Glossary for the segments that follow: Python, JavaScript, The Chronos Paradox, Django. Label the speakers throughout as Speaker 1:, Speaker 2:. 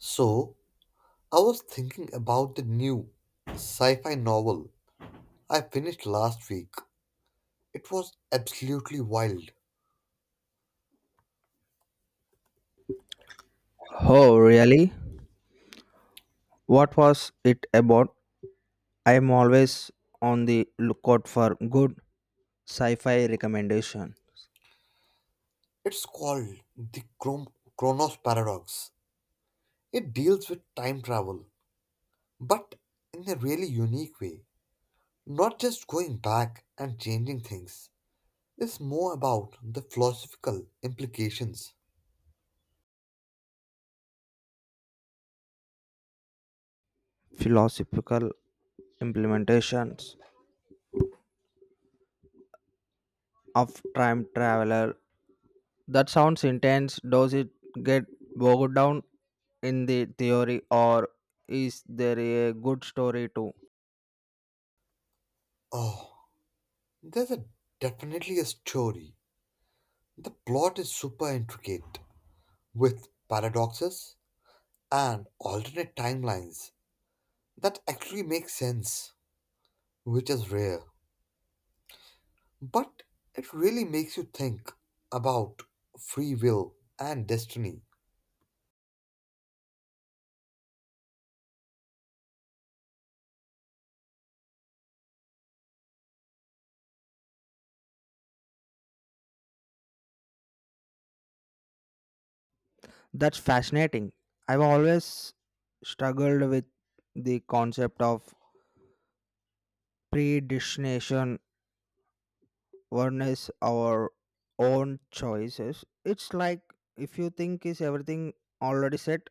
Speaker 1: So, I was thinking about the new sci fi novel I finished last week. It was absolutely wild.
Speaker 2: Oh, really? What was it about? I am always on the lookout for good sci-fi recommendation,
Speaker 1: It's called Chronos Paradox. It deals with time travel, but in a really unique way. Not just going back and changing things, it's more about the philosophical implications.
Speaker 2: philosophical implementations of time traveler. That sounds intense. Does it get bogged down in the theory or is there a good story too?
Speaker 1: Oh, there's definitely a story. The plot is super intricate with paradoxes and alternate timelines that actually make sense, which is rare. But it really makes you think about free will and destiny.
Speaker 2: That's fascinating. I've always struggled with the concept of predestination harness our own choices. It's like if you think is everything already set,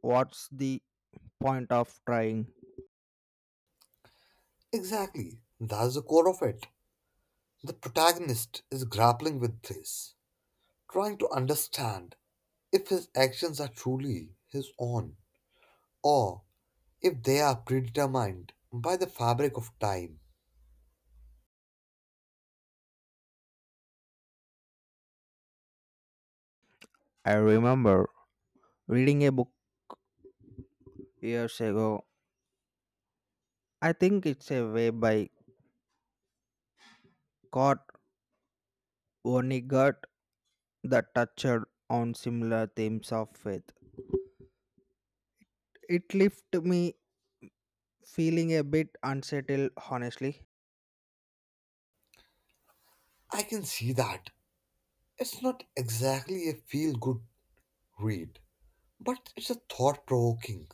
Speaker 2: what's the point of trying?
Speaker 1: Exactly, that's the core of it. The protagonist is grappling with this, trying to understand if his actions are truly his own or if they are predetermined by the fabric of time.
Speaker 2: I remember reading a book years ago. I think it's a way by Kurt Vonnegut that touched on similar themes of faith. It left me feeling a bit unsettled, honestly.
Speaker 1: I can see that. It's not exactly a feel good read, but it's a thought provoking.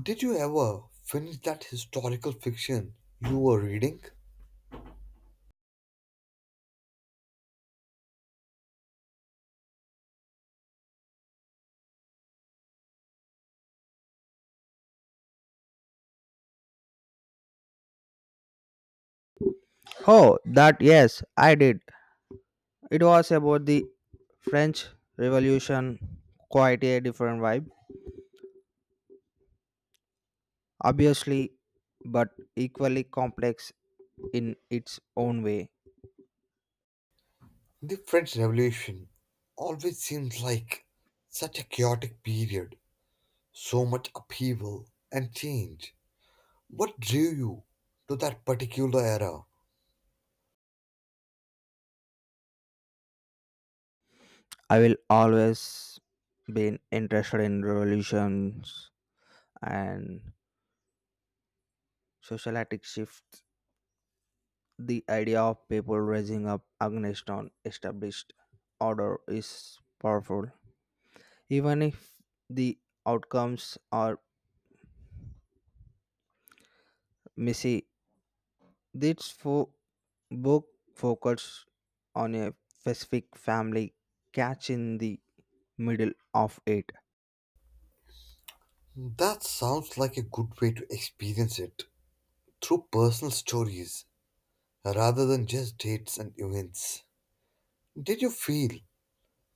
Speaker 1: Did you ever finish that historical fiction you were reading?
Speaker 2: Oh, that, yes, I did. It was about the French Revolution, quite a different vibe, obviously, but equally complex in its own way.
Speaker 1: The French Revolution always seems like such a chaotic period, so much upheaval and change. What drew you to that particular era?
Speaker 2: I will always been interested in revolutions and socialistic shifts. The idea of people rising up against an established order is powerful, even if the outcomes are messy. This fo- book focuses on a specific family catch in the middle of it.
Speaker 1: That sounds like a good way to experience it through personal stories rather than just dates and events. Did you feel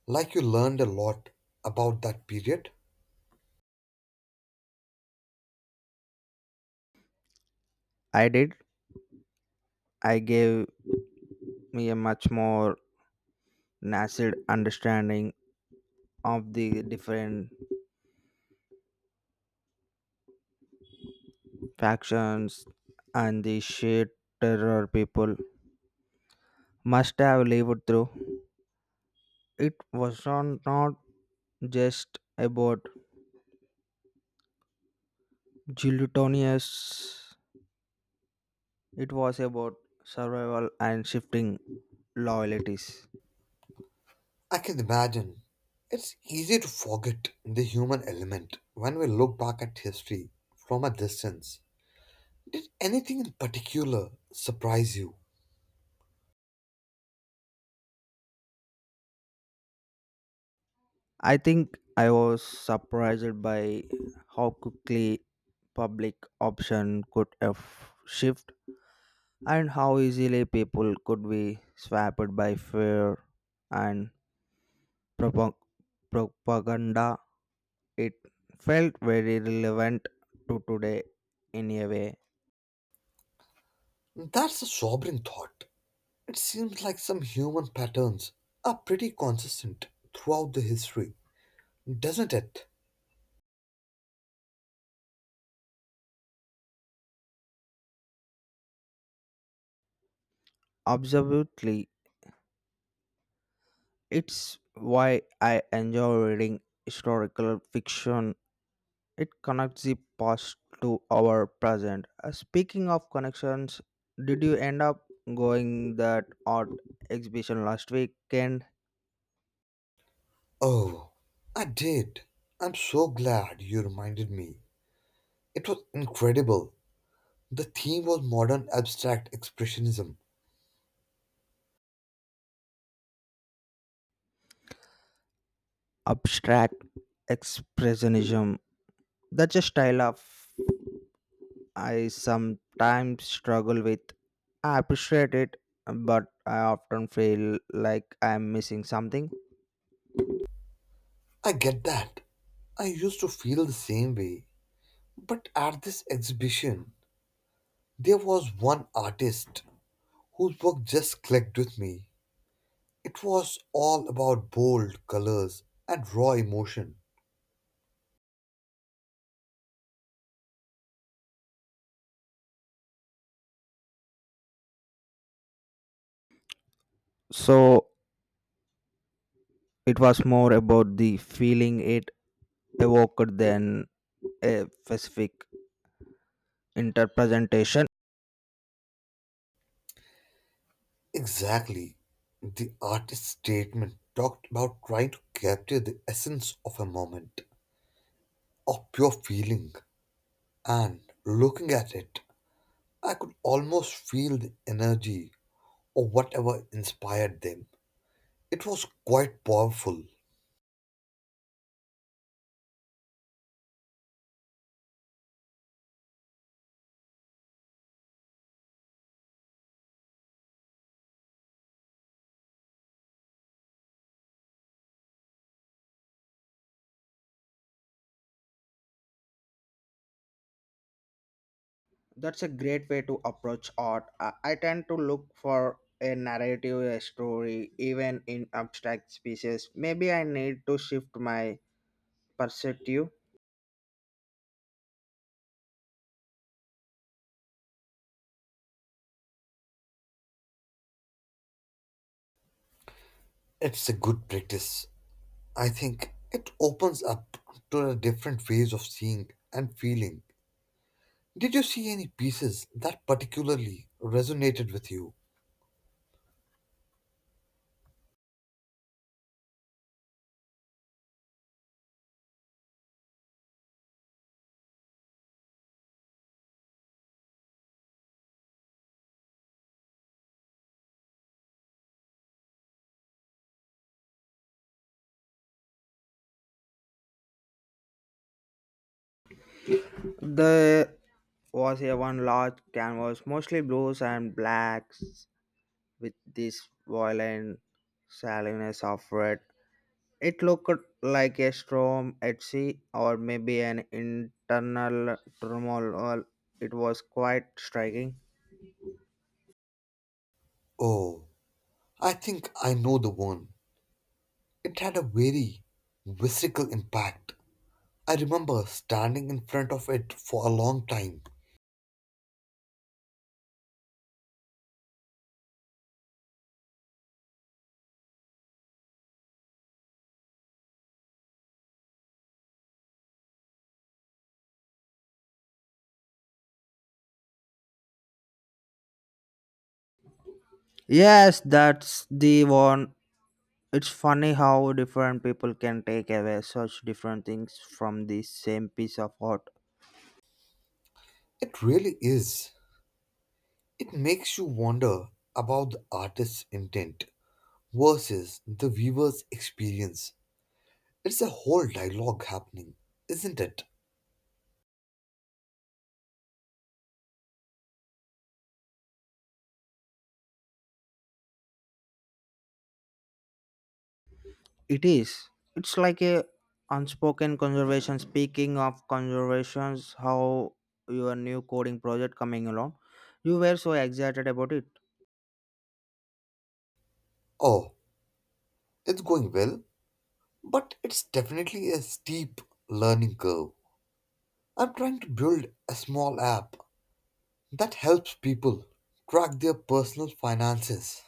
Speaker 1: like you learned a lot about that period?
Speaker 2: I did. I gave me a much more nascent understanding of the different factions and the sheer terror people must have lived through. It was not just about gelatinous, it was about survival and shifting loyalties.
Speaker 1: I can imagine. It's easy to forget the human element when we look back at history from a distance. Did anything in particular surprise you?
Speaker 2: I think I was surprised by how quickly public option could have shift and how easily people could be swamped by fear and propa- propaganda. It felt very relevant to today in a way.
Speaker 1: That's a sobering thought. It seems like some human patterns are pretty consistent throughout the history, doesn't it?
Speaker 2: Absolutely, it's why I enjoy reading historical fiction. It connects the past to our present. Speaking of connections, did you end up going that art exhibition last weekend?
Speaker 1: Oh, I did. I'm so glad you reminded me. It was incredible. The theme was modern abstract expressionism.
Speaker 2: Abstract expressionism. That's a style of I sometimes struggle with. I appreciate it, but I often feel like I'm missing something.
Speaker 1: I get that. I used to feel the same way. But at this exhibition, there was one artist whose work just clicked with me. It was all about bold colors and raw emotion.
Speaker 2: So it was more about the feeling it evoked than a specific interpretation.
Speaker 1: Exactly. The artist's statement talked about trying to capture the essence of a moment, of pure feeling. And looking at it, I could almost feel the energy or whatever inspired them. It was quite powerful.
Speaker 2: That's a great way to approach art. I tend to look for a narrative, a story, even in abstract species. Maybe I need to shift my perspective.
Speaker 1: It's a good practice. I think it opens up to a different ways of seeing and feeling. Did you see any pieces that particularly resonated with you?
Speaker 2: There was a one large canvas, mostly blues and blacks, with this violent shallowness of red. It looked like a storm at sea, or maybe an internal turmoil. Well, it was quite striking.
Speaker 1: Oh, I think I know the one. It had a very visceral impact. I remember standing in front of it for a long time.
Speaker 2: Yes, that's the one. It's funny how different people can take away such different things from the same piece of art.
Speaker 1: It really is. It makes you wonder about the artist's intent versus the viewer's experience. It's a whole dialogue happening, isn't it?
Speaker 2: It is. It's like a unspoken conservation. Speaking of conservations, how your new coding project coming along? You were so excited about it.
Speaker 1: Oh, it's going well, but it's definitely a steep learning curve. I'm trying to build a small app that helps people track their personal finances.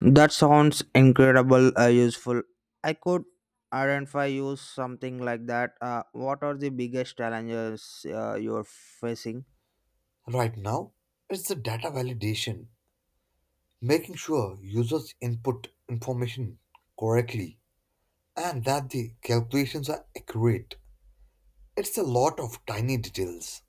Speaker 2: That sounds incredible useful. I could identify you something like that. What are the biggest challenges you're facing?
Speaker 1: Right now, it's the data validation, making sure users input information correctly and that the calculations are accurate. It's a lot of tiny details.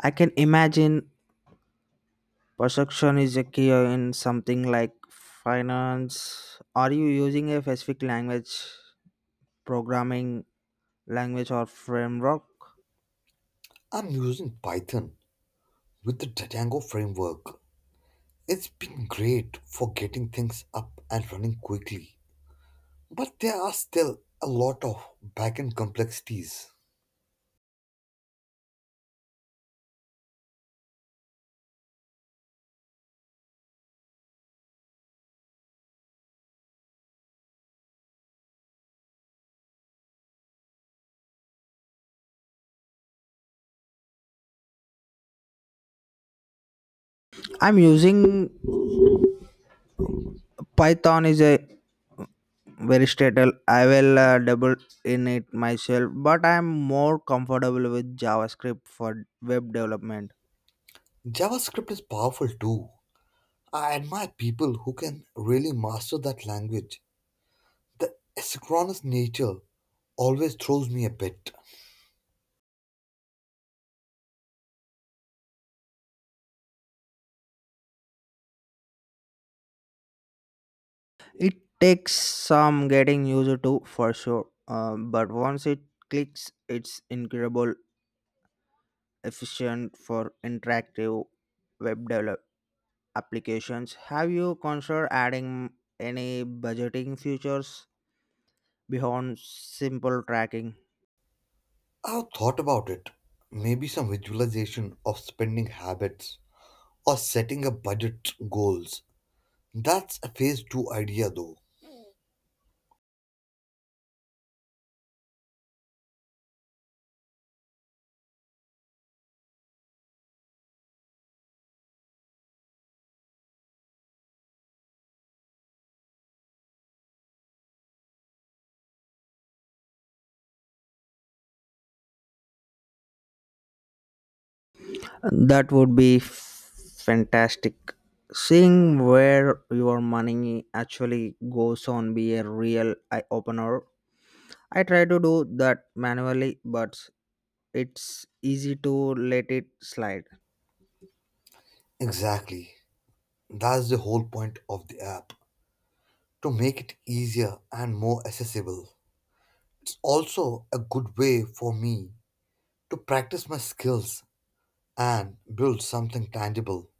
Speaker 2: I can imagine perception is a key in something like finance. Are you using a specific language programming language or framework?
Speaker 1: I'm using Python with the Django framework. It's been great for getting things up and running quickly, but there are still a lot of backend complexities.
Speaker 2: I'm using python is a very stable I will double in it myself, but I'm more comfortable with javascript for web development.
Speaker 1: JavaScript is powerful too. I admire people who can really master that language. The asynchronous nature always throws me a bit.
Speaker 2: It takes some getting used to for sure, but once it clicks it's incredible efficient for interactive web develop applications. Have you considered adding any budgeting features beyond simple tracking?
Speaker 1: I've thought about it. Maybe some visualization of spending habits or setting up budget goals. That's a phase two idea though.
Speaker 2: That would be fantastic. Seeing where your money actually goes on be a real eye opener. I try to do that manually, but it's easy to let it slide.
Speaker 1: Exactly. That's the whole point of the app, to make it easier and more accessible. It's also a good way for me to practice my skills and build something tangible.